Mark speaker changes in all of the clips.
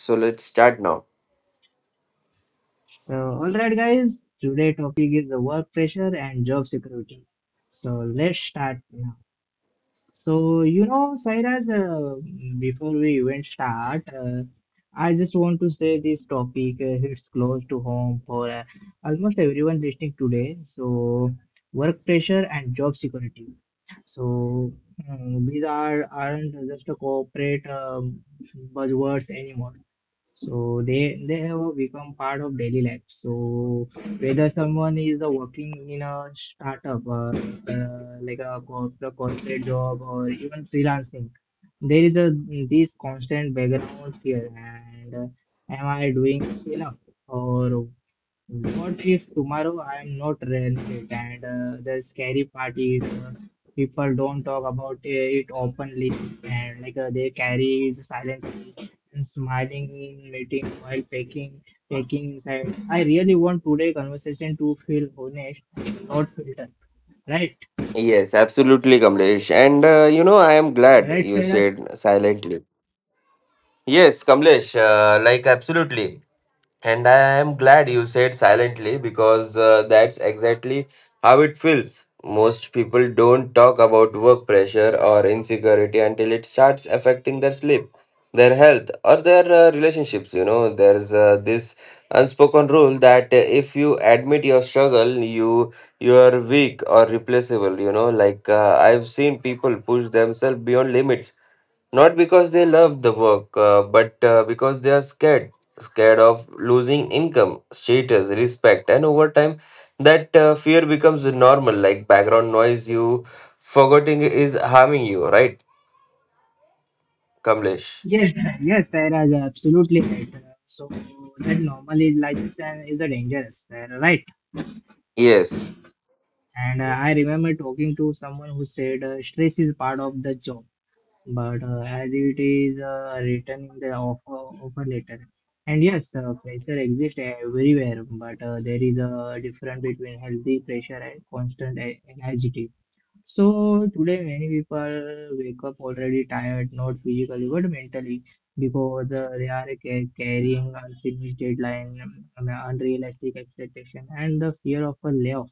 Speaker 1: So let's start now.
Speaker 2: So alright guys, today topic is the work pressure and job security. So let's start now. Sairaj, before we even start, I just want to say this topic hits close to home for almost everyone listening today. So, work pressure and job security. So, these are aren't just a corporate buzzwords anymore. So they have become part of daily life. So whether someone is working in a startup, a corporate job or even freelancing, there is a this constant background fear and am I doing enough, or what if tomorrow I am not relevant? And the scary part is people don't talk about it openly, and like they carry it silently and smiling in meeting while packing inside. I really want today conversation to feel honest, not filtered. Right,
Speaker 1: Yes, absolutely, Kamlesh. And I am glad
Speaker 2: right,
Speaker 1: you
Speaker 2: Sarah.
Speaker 1: said silently. Yes, Kamlesh, like absolutely. And I am glad you said silently because that's exactly how it feels. Most people don't talk about work pressure or insecurity until it starts affecting their sleep, their health, or their relationships. You know, there's this unspoken rule that if you admit your struggle, you are weak or replaceable. You know, like I've seen people push themselves beyond limits not because they love the work, but because they are scared. Scared of losing income, status, respect, and over time, that fear becomes normal, like background noise you forgetting is harming you, right, Kamlesh?
Speaker 2: Yes, yes, Sarah, you're absolutely right. So that normally life is, is a dangerous, right?
Speaker 1: Yes.
Speaker 2: And I remember talking to someone who said stress is part of the job, but as it is written in the offer letter. And yes, pressure exists everywhere, but there is a difference between healthy pressure and constant anxiety. So today, many people wake up already tired, not physically but mentally, because carrying unfinished deadline, unrealistic expectation, and the fear of a layoff.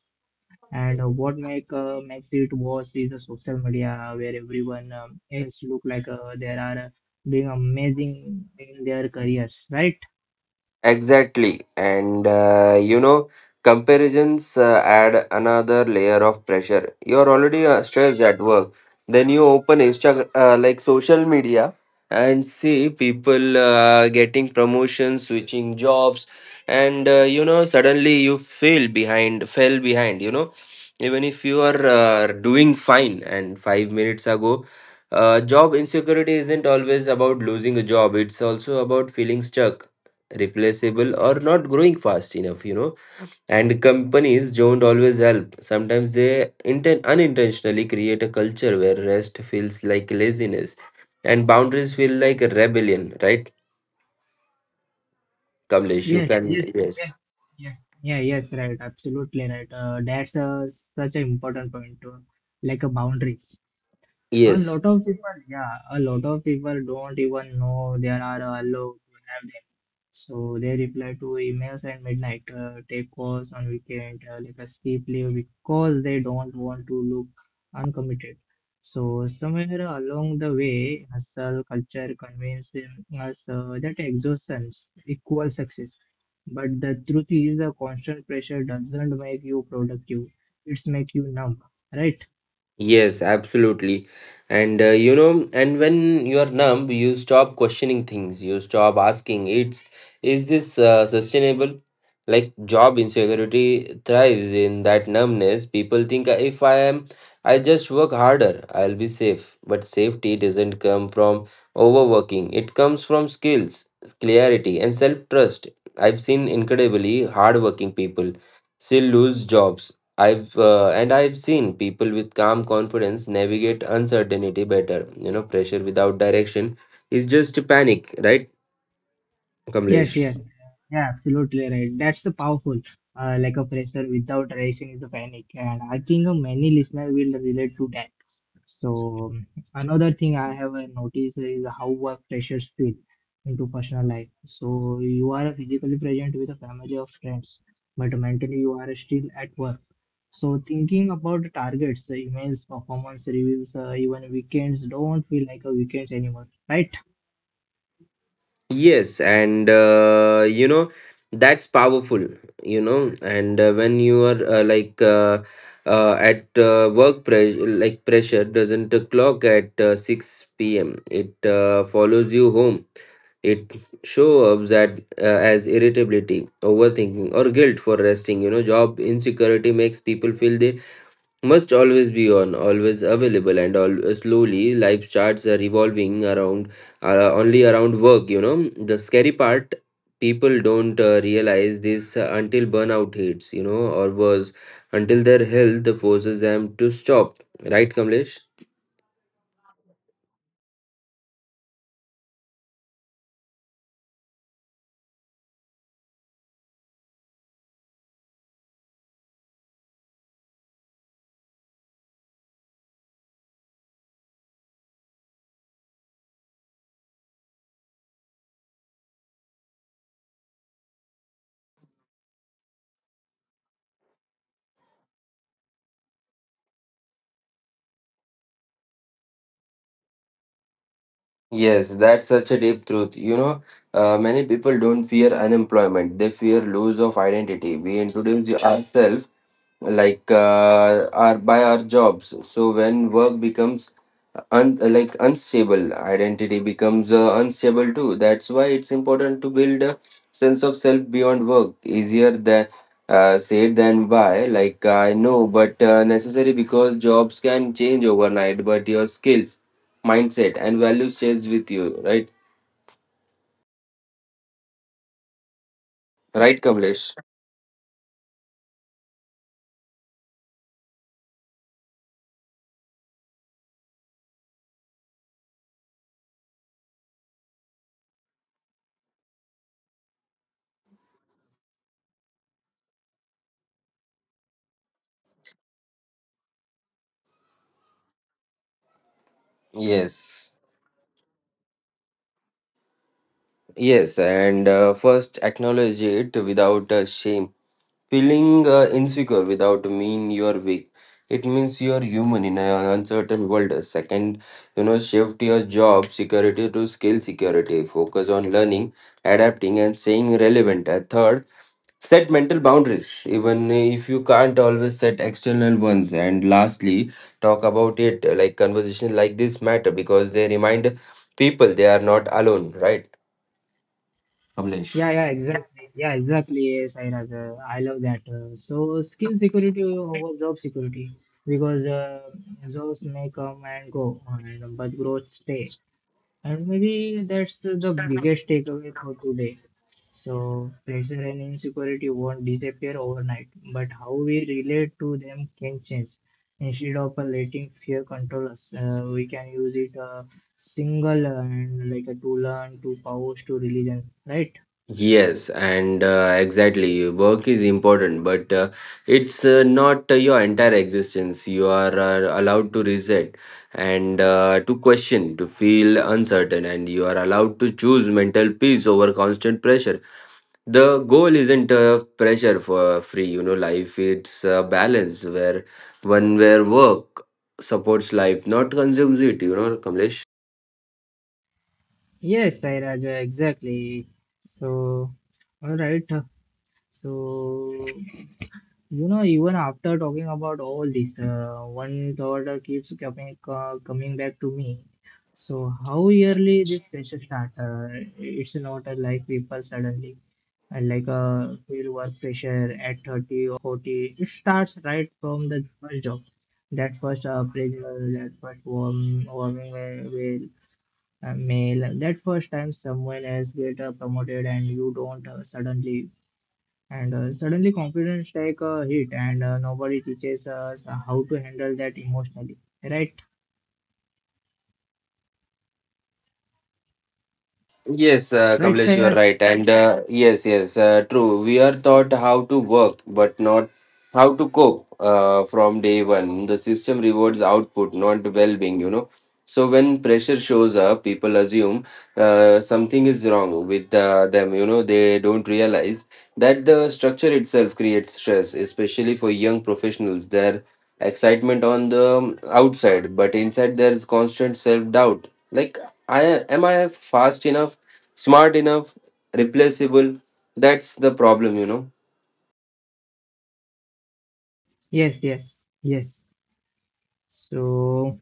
Speaker 2: And what makes it worse is the social media where everyone else look like they are doing amazing in their careers, right?
Speaker 1: Exactly. And you know, comparisons add another layer of pressure. You're already stressed at work. Then you open Insta, like social media, and see people getting promotions, switching jobs, and you know, suddenly you feel behind, fell behind, you know. Even if you are doing fine, and 5 minutes ago, job insecurity isn't always about losing a job, it's also about feeling stuck replaceable or not growing fast enough, you know, and companies don't always help. Sometimes they unintentionally create a culture where rest feels like laziness and boundaries feel like a rebellion, right, Kamlesh? You
Speaker 2: Yes,
Speaker 1: can.
Speaker 2: yes,
Speaker 1: Yes,
Speaker 2: yes, yes. Yeah, yes, right. Absolutely right. That's such an important point, like a boundaries. A
Speaker 1: yes.
Speaker 2: lot of people, yeah, a lot of people don't even know there are allowed to have. So they reply to emails at midnight, take calls on weekend, like a skip leave because they don't want to look uncommitted. So somewhere along the way, hustle culture convinces us that exhaustion equals success. But the truth is, the constant pressure doesn't make you productive; it's make you numb, right?
Speaker 1: Yes, absolutely. And when you are numb, you stop questioning things. You stop asking, "It's is this sustainable?" Like job insecurity thrives in that numbness. People think if I am, I just work harder, I'll be safe. But safety doesn't come from overworking. It comes from skills, clarity, and self-trust. I've seen incredibly hardworking people still lose jobs. I've and I've seen people with calm confidence navigate uncertainty better. You know, pressure without direction is just panic, right,
Speaker 2: Yes,
Speaker 1: Kamlesh?
Speaker 2: yes. Yeah, absolutely right. That's the powerful, like a pressure without reaction is a panic. And I think many listeners will relate to that. So another thing I have noticed is how work pressures feel into personal life. So you are physically present with a family of friends, but mentally you are still at work. So thinking about the targets, emails, performance reviews, even weekends don't feel like a weekends anymore, right?
Speaker 1: Yes, and you know that's powerful. You know, and when you are like at work pressure, like pressure doesn't clock at 6 p.m. It follows you home. It shows up at, as irritability, overthinking, or guilt for resting. You know, job insecurity makes people feel they must always be on, always available, and all, slowly life starts are revolving around only around work. You know, the scary part, people don't realize this until burnout hits. You know, or worse, until their health forces them to stop. Right, Kamlesh? Yes, that's such a deep truth. You know, many people don't fear unemployment; they fear lose of identity. We introduce ourselves like our by our jobs. So when work becomes like unstable, identity becomes unstable too. That's why it's important to build a sense of self beyond work. Easier than said than by, like, I know, but necessary, because jobs can change overnight, but your skills, mindset and values change with you, right, right, Kamlesh? Yes, yes. And first, acknowledge it without shame. Feeling insecure without mean you are weak. It means you are human in an uncertain world. Second, you know, shift your job security to skill security. Focus on learning, adapting, and staying relevant. And third, set mental boundaries, even if you can't always set external ones. And lastly, talk about it. Like conversations like this matter because they remind people they are not alone, right? Kamlesh.
Speaker 2: Yeah, yeah, exactly. Yeah, exactly. Yes, I rather I love that. So skill security over job security, because jobs may come and go, and but growth stay. And maybe that's the biggest takeaway for today. So pressure and insecurity won't disappear overnight, but how we relate to them can change. Instead of letting fear control us, we can use it a single and like a tool and to powers to religion, right?
Speaker 1: Yes, and exactly. Work is important, but it's not your entire existence. You are allowed to reset and to question, to feel uncertain, and you are allowed to choose mental peace over constant pressure. The goal isn't pressure for free, you know, life. It's a balance where one where work supports life, not consumes it, you know, Kamlesh.
Speaker 2: Yes, Sai exactly. So, all right. So, even after talking about all this, one thought keeps coming back to me. So, how yearly this pressure start? It's not like people suddenly and like feel work pressure at 30 or 40. It starts right from the first job, that first appraisal, that first warming where a male. That first time someone else get promoted and you don't suddenly confidence take a hit, and nobody teaches us how to handle that emotionally. Right,
Speaker 1: Yes,
Speaker 2: right,
Speaker 1: Kamlesh, you are
Speaker 2: Sairaj?
Speaker 1: right. And yes, yes, true. We are taught how to work, but not how to cope from day one. The system rewards output, not well being, you know. So when pressure shows up, people assume something is wrong with them, you know. They don't realize that the structure itself creates stress, especially for young professionals. Their excitement on the outside, but inside there's constant self doubt. Like, I am I fast enough? Smart enough, replaceable. That's the problem, you know.
Speaker 2: Yes, yes, yes. So.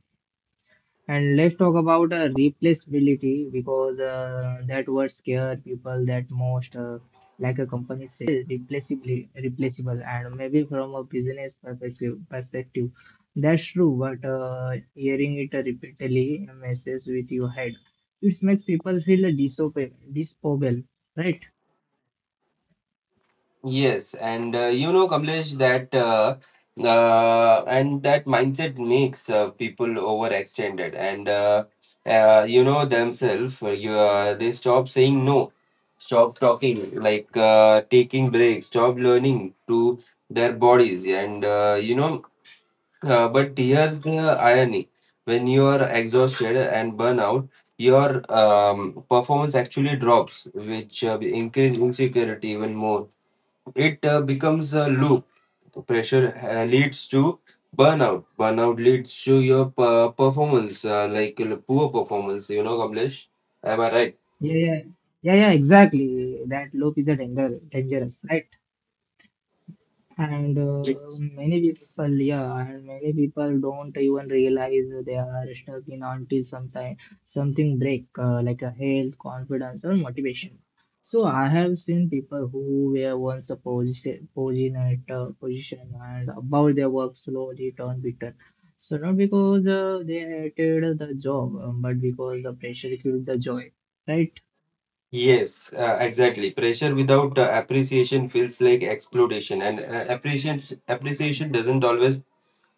Speaker 2: And let's talk about replaceability, because that word scare people that most like a company say everyone is a replaceable, and maybe from a business perspective that's true, but hearing it repeatedly messes with your head. It makes people feel disobey disposable, right?
Speaker 1: Yes, and you know, Kamlesh, that and that mindset makes people overextended, and you know themselves. You, they stop saying no, stop talking, like taking breaks, stop learning to their bodies, and you know but here's the irony. When you are exhausted and burn out, your performance actually drops, which increase insecurity even more. It becomes a loop. Pressure leads to burnout. Burnout leads to your performance, poor performance. You know, Kamlesh? Am I right?
Speaker 2: Yeah, yeah, yeah yeah, exactly. That loop is a dangerous, right? And many people, yeah, and many people don't even realize they are stuck in until sometime something break, like a health confidence or motivation. So I have seen people who were once a position and about their work slowly turn bitter. So not because they hated the job, but because the pressure killed the joy, right?
Speaker 1: Yes, exactly. Pressure without appreciation feels like exploitation, and appreciation doesn't always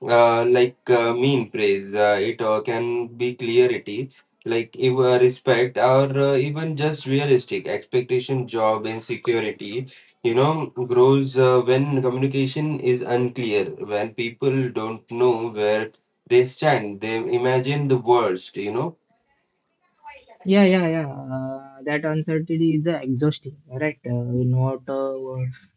Speaker 1: mean praise. It can be clarity, like if, respect, or even just realistic expectation, job insecurity. You know, grows when communication is unclear, when people don't know where they stand. They imagine the worst. You know.
Speaker 2: Yeah, yeah, yeah. That uncertainty is exhausting, right? Not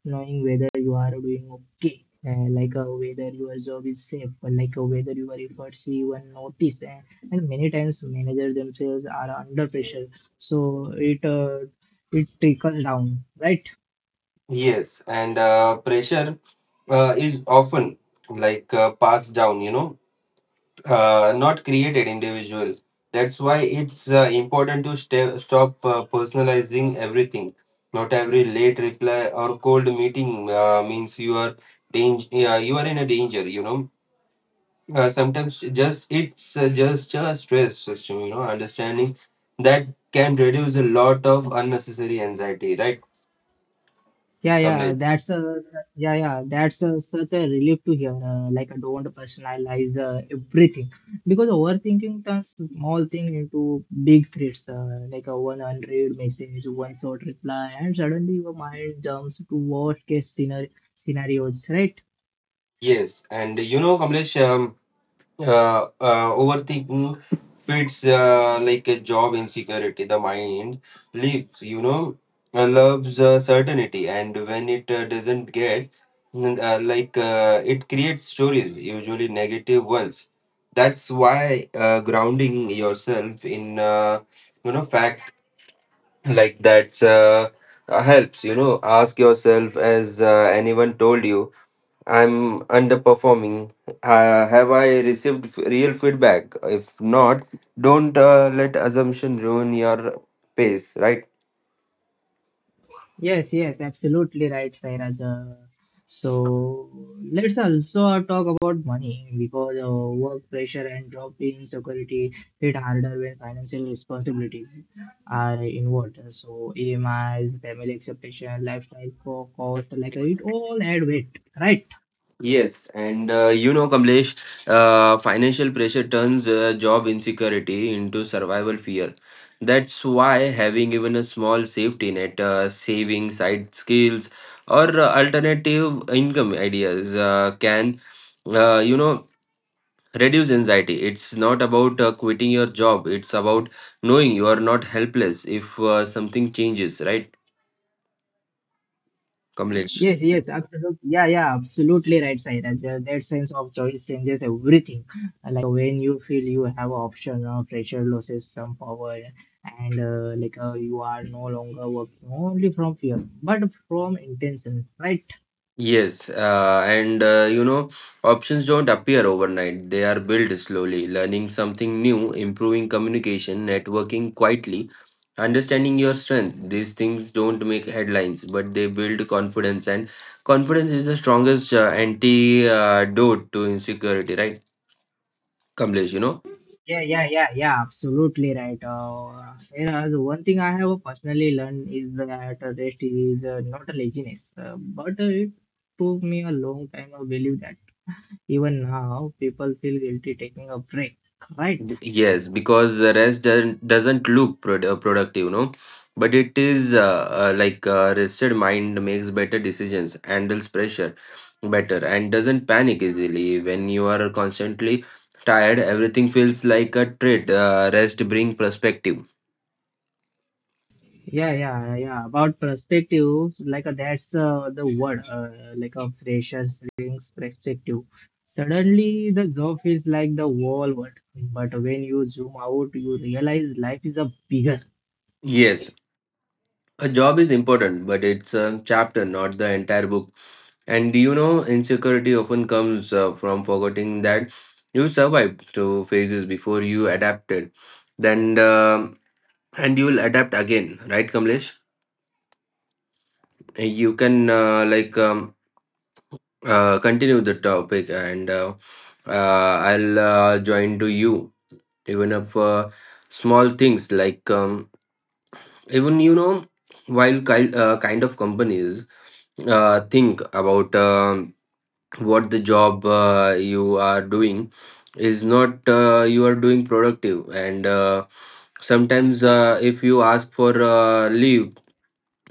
Speaker 2: knowing whether you are doing okay, like whether your job is safe, or like whether your efforts even notice. And many times, managers themselves are under pressure, so it trickles down, right?
Speaker 1: Yes, and pressure is often like passed down. You know not created individual. That's why it's important to sta stop personalizing everything. Not every late reply or cold meeting means you are danger. Yeah, you are in a danger. You know, sometimes just it's just a stress system. You know, understanding that can reduce a lot of unnecessary anxiety. Right,
Speaker 2: Yeah, yeah,
Speaker 1: Kamlesh?
Speaker 2: that's a yeah, yeah, that's a, such a relief to hear. Like I don't personalize everything, because overthinking turns small thing into big threats. Like a one unread message, one short reply, and suddenly your mind jumps to worst case scenarios, right?
Speaker 1: Yes, and you know, Kamlesh. Overthinking fits like a job insecurity. The mind lives, you know, loves certainty, and when it doesn't get, like it creates stories, usually negative ones. That's why grounding yourself in, you know, fact like that's helps. You know, ask yourself, as anyone told you I'm underperforming. Have I received real feedback? If not, don't let assumption ruin your pace, right?
Speaker 2: Yes, yes, absolutely right, Sairaj. So let's also talk about money, because work pressure and drop in security hit harder when financial responsibilities are involved. So EMIs, family expectation, lifestyle cost, like it all add weight, right?
Speaker 1: Yes, and you know, Kamlesh, financial pressure turns job insecurity into survival fear. That's why having even a small safety net, saving side skills, or alternative income ideas can, you know, reduce anxiety. It's not about quitting your job. It's about knowing you are not helpless if something changes, right, Kamlesh?
Speaker 2: Yes, yes, absolutely. Yeah, yeah, absolutely right, Sairaj. That sense of choice changes everything. Like when you feel you have option of pressure loses some power, and like you are no longer working only from fear, but from intention, right?
Speaker 1: Yes, and you know, options don't appear overnight. They are built slowly, learning something new, improving communication, networking quietly, understanding your strength. These things don't make headlines, but they build confidence, and confidence is the strongest antidote to insecurity, right, Kamlesh? You know.
Speaker 2: Yeah, yeah, yeah, yeah, absolutely right. Sairaj, one thing I have personally learned is that rest is not a laziness, but it took me a long time to believe that. Even now, people feel guilty taking a break, right?
Speaker 1: Yes, because the rest doesn't look productive, you know, but it is rested mind makes better decisions, handles pressure better, and doesn't panic easily. When you are constantly tired, everything feels like a treat. Rest bring perspective.
Speaker 2: Yeah, yeah, yeah. About perspective, like that's the word, like a pressure, rings perspective. Suddenly, the job feels like the whole world, but when you zoom out, you realize life is a bigger.
Speaker 1: Yes, a job is important, but it's a chapter, not the entire book. And do you know, insecurity often comes from forgetting that you survived two phases before you adapted. Then, and you will adapt again, right, Kamlesh? You can continue the topic, and I'll join to you, even if small things like even you know while kind of companies think about what the job you are doing is not you are doing productive, and sometimes if you ask for leave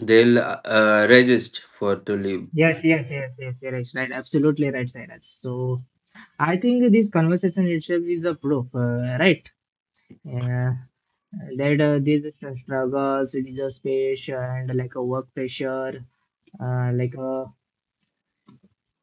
Speaker 1: they'll resist for to leave.
Speaker 2: Yes, yes, yes, yes, yes, right. Right, absolutely right, Cyrus. So, I think this conversation itself is a proof, right? Yeah, that these struggles with the space and like a work pressure like a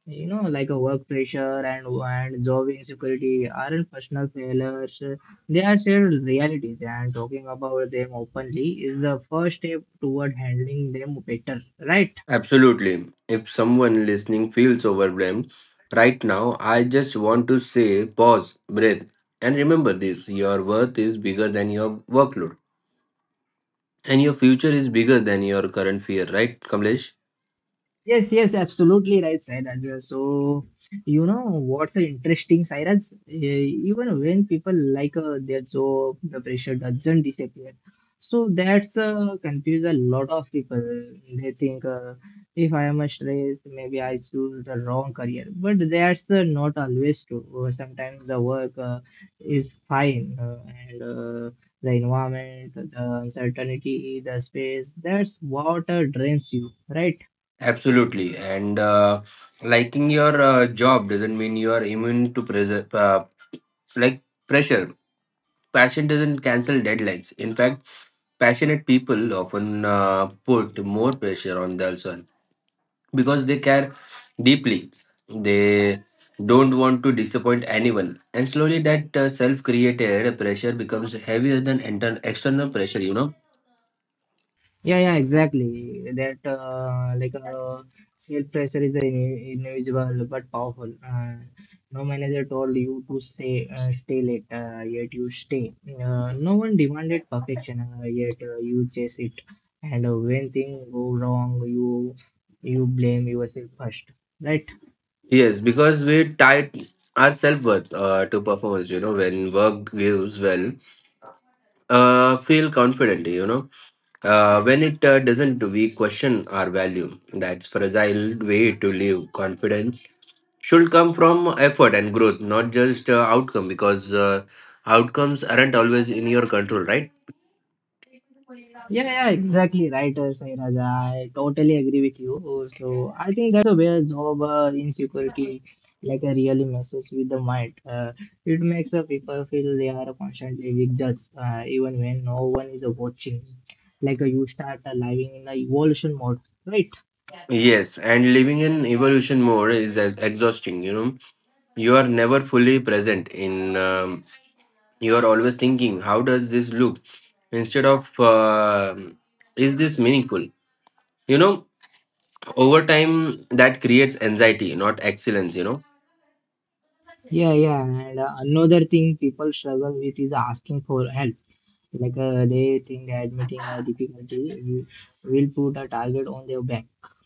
Speaker 2: you know like a work pressure and job insecurity aren't personal failures. They are shared realities, and talking about them openly is the first step toward handling them better, right?
Speaker 1: Absolutely, if someone listening feels overwhelmed right now, I just want to say pause, breathe, and remember this. Your worth is bigger than your workload, and your future is bigger than your current fear, right, Kamlesh?
Speaker 2: Yes, yes, absolutely right, Sairaj. So, you know what's interesting, Sairaj? Even when people like their job, the pressure doesn't disappear. So that's confused a lot of people. They think if I am stressed, maybe I choose the wrong career. But that's not always true. Sometimes the work is fine, and the environment, the uncertainty, the space, that's what drains you, right?
Speaker 1: Absolutely. And liking your job doesn't mean you are immune to like pressure. Passion doesn't cancel deadlines. In fact, passionate people often put more pressure on themselves because they care deeply. They don't want to disappoint anyone, and slowly that self-created pressure becomes heavier than internal external pressure. You know.
Speaker 2: Yeah, yeah, exactly. That like self pressure is invisible but powerful. No manager told you to stay late, yet you stay. No one demanded perfection, yet you chase it. And when things go wrong, you blame yourself first, right?
Speaker 1: Yes, because we tie our self worth to performance. You know, when work gives well, feel confident. You know, when it doesn't, we question our value. That's fragile way to live. Confidence should come from effort and growth, not just outcome. Because outcomes aren't always in your control, right?
Speaker 2: Yeah, yeah, exactly right, Sai Raja. I totally agree with you. So I think that's the where job insecurity like really messes with the mind. It makes the people feel they are constantly being judged, even when no one is watching. Like you start living in the evolution mode, right?
Speaker 1: Yes, and living in evolution mode is exhausting. You know, you are never fully present in. You are always thinking how does this look instead of is this meaningful, you know, over time that creates anxiety, not excellence, you know?
Speaker 2: Yeah, yeah. And another thing people struggle with is asking for help. Like they think admitting a difficulty will put a target on their back,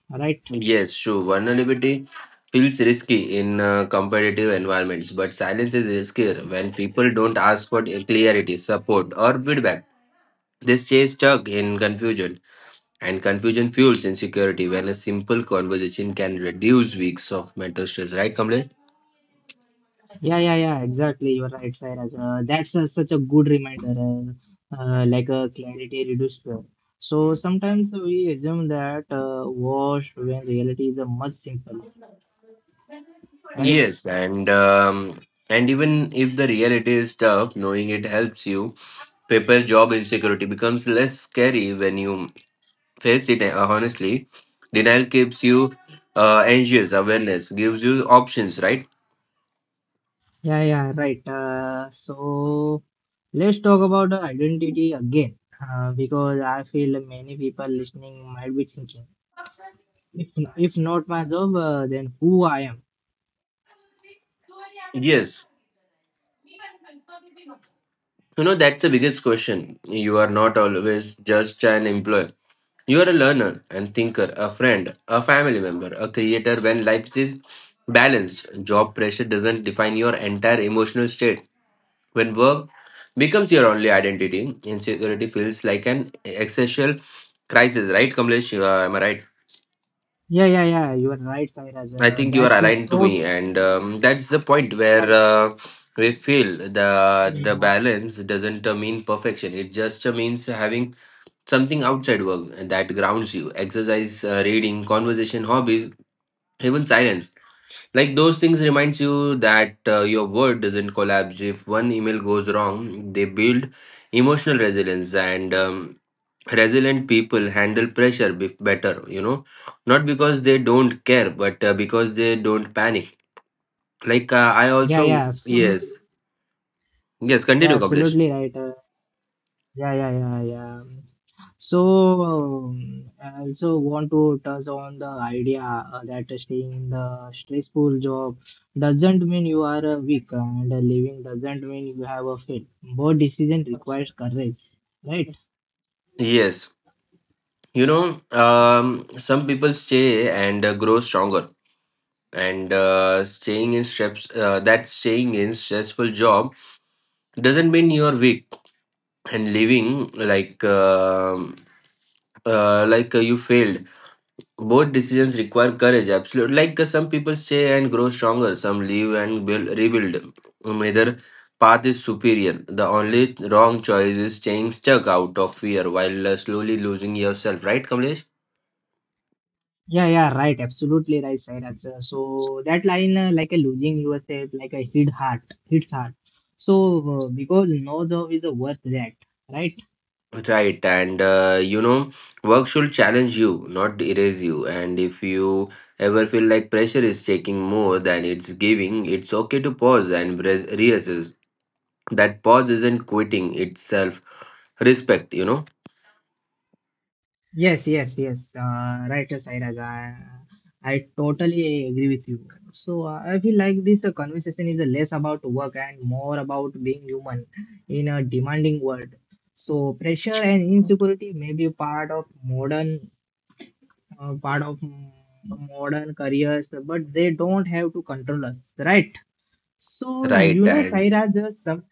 Speaker 2: right?
Speaker 1: Yes, sure, vulnerability feels risky in competitive environments, but silence is riskier. When people don't ask for clarity, support, or feedback, they stay stuck in confusion, and confusion fuels insecurity when a simple conversation can reduce weeks of mental stress, right, Kamlesh?
Speaker 2: Yeah, yeah, yeah, exactly. You're right, Sairaj. That's such a good reminder, like a clarity reduced fear. So sometimes we assume that wash when reality is much simple, right?
Speaker 1: Yes, and even if the reality is tough, knowing it helps you. Paper job insecurity becomes less scary when you face it. Honestly, denial keeps you anxious. Awareness gives you options, right?
Speaker 2: Yeah, yeah, right. So let's talk about the identity again, because I feel many people listening might be thinking, if not my job, then who I am?
Speaker 1: Yes, you know, that's the biggest question. You are not always just an employer. You are a learner and thinker, a friend, a family member, a creator. When life is balanced, job pressure doesn't define your entire emotional state. When work becomes your only identity, insecurity feels like an existential crisis, right, Kamlesh? Am I right?
Speaker 2: Yeah, yeah, yeah. You are right, Sairaj.
Speaker 1: I think you are
Speaker 2: That's
Speaker 1: aligned to
Speaker 2: so.
Speaker 1: me, and that's the point where
Speaker 2: Yeah,
Speaker 1: we feel the
Speaker 2: yeah,
Speaker 1: balance doesn't mean perfection. It just means having something outside work that grounds you. Exercise, reading, conversation, hobbies, even silence, like, those things reminds you that your world doesn't collapse if one email goes wrong. They build emotional resilience, and resilient people handle pressure better, you know, not because they don't care, but because they don't panic, like, I
Speaker 2: yeah,
Speaker 1: also.
Speaker 2: yeah. So
Speaker 1: Yes, yes, continue,
Speaker 2: Yeah,
Speaker 1: Kapilesh.
Speaker 2: absolutely right. Yeah, yeah, yeah, yeah. So, I also want to touch on the idea that staying in the stressful job doesn't mean you are weak, and leaving doesn't mean you have a fail. Both decision requires courage, right? Yes.
Speaker 1: Yes, you know, some people stay and grow stronger, and staying in stressful job doesn't mean you're weak and living like you failed. Both decisions require courage. Absolutely, like, some people stay and grow stronger, some leave and rebuild. Either path is superior. The only wrong choice is staying stuck out of fear while slowly losing yourself. Right, Kamlesh?
Speaker 2: Yeah, yeah, right. Absolutely right, Sairaj. So that line, like a losing yourself, like a hits hard. So because no job is worth that, right?
Speaker 1: Right, and you know, work should challenge you, not erase you. And if you ever feel like pressure is taking more than it's giving, it's okay to pause and reassess. That pause isn't quitting itself. Respect, you know?
Speaker 2: Yes, yes, yes. Right, Sairaj. I totally agree with you. So I feel like this conversation is less about work and more about being human in a demanding world. So pressure and insecurity may be part of modern, uh, part of mm, modern careers, but they don't have to control us, right? So you
Speaker 1: Right,
Speaker 2: know,
Speaker 1: and
Speaker 2: Saira, just some,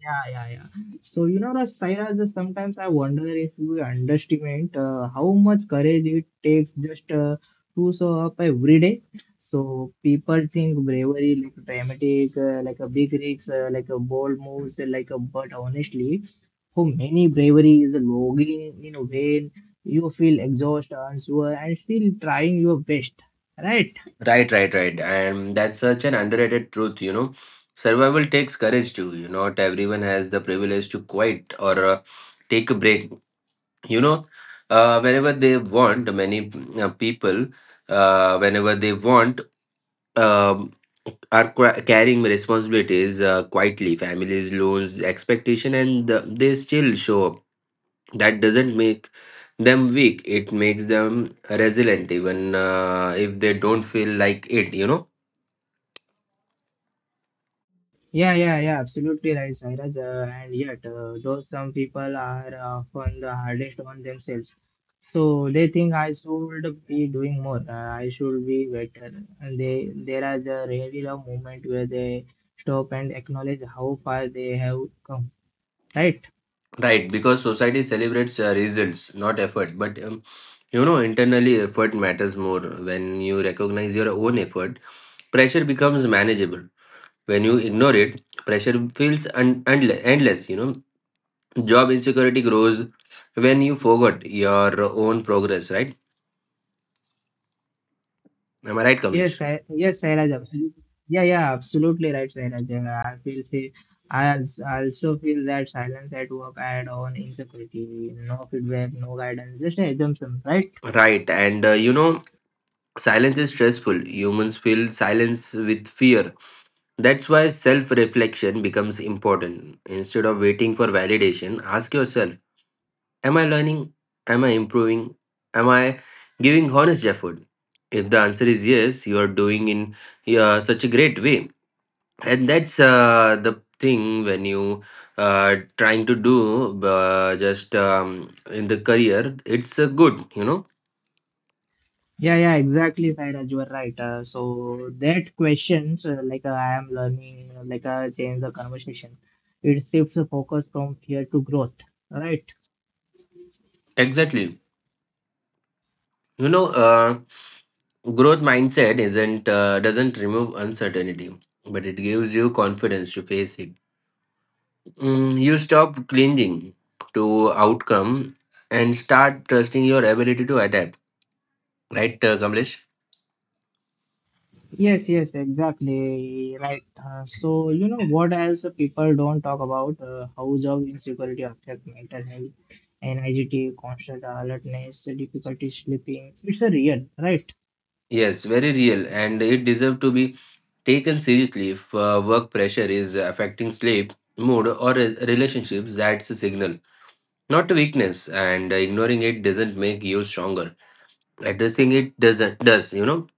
Speaker 2: yeah, yeah, yeah. So you know, the Saira, just sometimes I wonder if we underestimate how much courage it takes just to show up every day. So people think bravery like dramatic, like a big risk, like a bold moves, like a but honestly, for many bravery is logging in when you feel exhausted, unsure, and still trying your best, right?
Speaker 1: that's such an underrated truth. You know, survival takes courage too. You know, not everyone has the privilege to quit or take a break, you know, whenever they want many people, whenever they want, um, are carrying responsibilities quietly: families, loans, expectation, and they still show up. That doesn't make them weak, it makes them resilient, even if they don't feel like it, you know?
Speaker 2: Yeah, yeah, yeah, absolutely right, Sairaj. And yet, though some people are often the hardest on themselves, so they think I should be doing more. I should be better. And they there is a really a moment where they stop and acknowledge how far they have come. Right?
Speaker 1: Right, because society celebrates results, not effort. But you know, internally effort matters more. When you recognize your own effort, pressure becomes manageable. When you ignore it, pressure feels endless, you know? Job insecurity grows when you forgot your own progress, right? Am I right, Kamlesh?
Speaker 2: Yes, Sairaj. Absolutely. Yeah, yeah, absolutely right, Sairaj. Feel I also feel that silence at work add on insecurity, no feedback, no guidance, just an assumption, right?
Speaker 1: Right, and you know, silence is stressful. Humans feel silence with fear. That's why self reflection becomes important. Instead of waiting for validation, ask yourself: am I learning? Am I improving? Am I giving honest effort? If the answer is yes, you are doing in such a great way. And that's the thing. When you trying to do just in the career, it's good, you know.
Speaker 2: Yeah, yeah, exactly, Sairaj, you are right. So that questions like I am learning, like change the conversation. It shifts the focus from fear to growth, right?
Speaker 1: Exactly. You know, growth mindset isn't doesn't remove uncertainty, but it gives you confidence to face it. Mm, you stop clinging to outcome and start trusting your ability to adapt. Right, Kamlesh?
Speaker 2: Yes, yes, exactly, right. So you know what else people don't talk about? How job insecurity affect mental health, anxiety, constant alertness, difficulty sleeping. It's a real, right?
Speaker 1: Yes, very real, and it deserves to be taken seriously if work pressure is affecting sleep, mood, or relationships. That's a signal, not a weakness, and ignoring it doesn't make you stronger. Addressing it doesn't does, you know?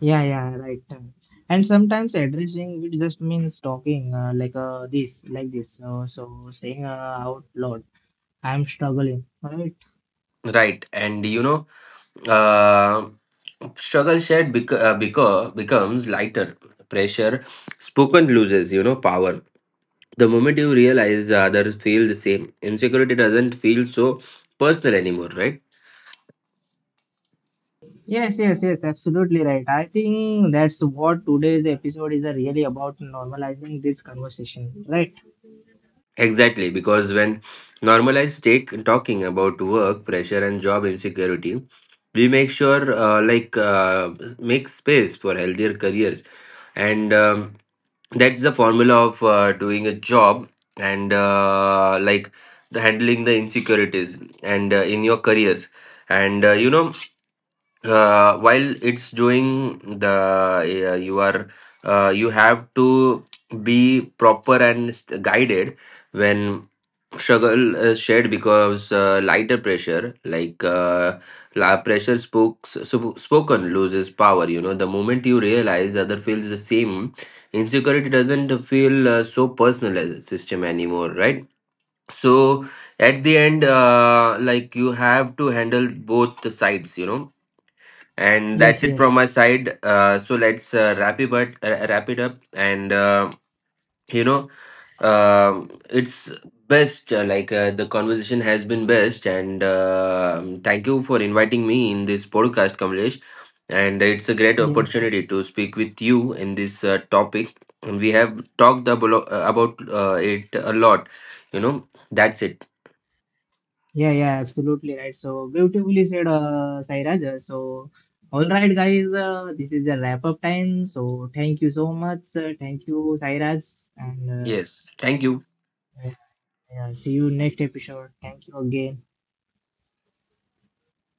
Speaker 2: Yeah, yeah, right. And sometimes addressing it just means talking like this, like this. So saying out loud, I'm struggling, right?
Speaker 1: Right, and you know, uh, struggle shared becomes lighter. Pressure spoken loses, you know, power. The moment you realize the others feel the same, insecurity doesn't feel so personal anymore, right?
Speaker 2: Yes, yes, yes, absolutely right. I think that's what today's episode is really about normalizing this conversation, right?
Speaker 1: Exactly, because when normalized, take talking about work pressure and job insecurity, we make sure make space for healthier careers, and that's the formula of doing a job and like the handling the insecurities and in your careers, and you know, while it's doing the you are you have to be proper and guided when struggle is shared, because lighter pressure, like, pressure spoken loses power, you know? The moment you realize other feels the same, insecurity doesn't feel so personal as a system anymore, right? So at the end, like, you have to handle both the sides, you know, and
Speaker 2: Yes,
Speaker 1: that's it
Speaker 2: yes,
Speaker 1: from my side. So let's wrap it up, and you know, it's best, like, the conversation has been best, and thank you for inviting me in this podcast, Kamlesh, and it's a great
Speaker 2: yeah,
Speaker 1: opportunity to speak with you in this topic, and we have talked about, it a lot, you know. That's it.
Speaker 2: yeah, yeah, absolutely right. So beautifully said, Sairaj. So, all right, guys, this is the wrap up time. So, thank you so much. Thank you, Sairaj. And
Speaker 1: Yes, thank you.
Speaker 2: uh, yeah, see you next episode. Thank you again.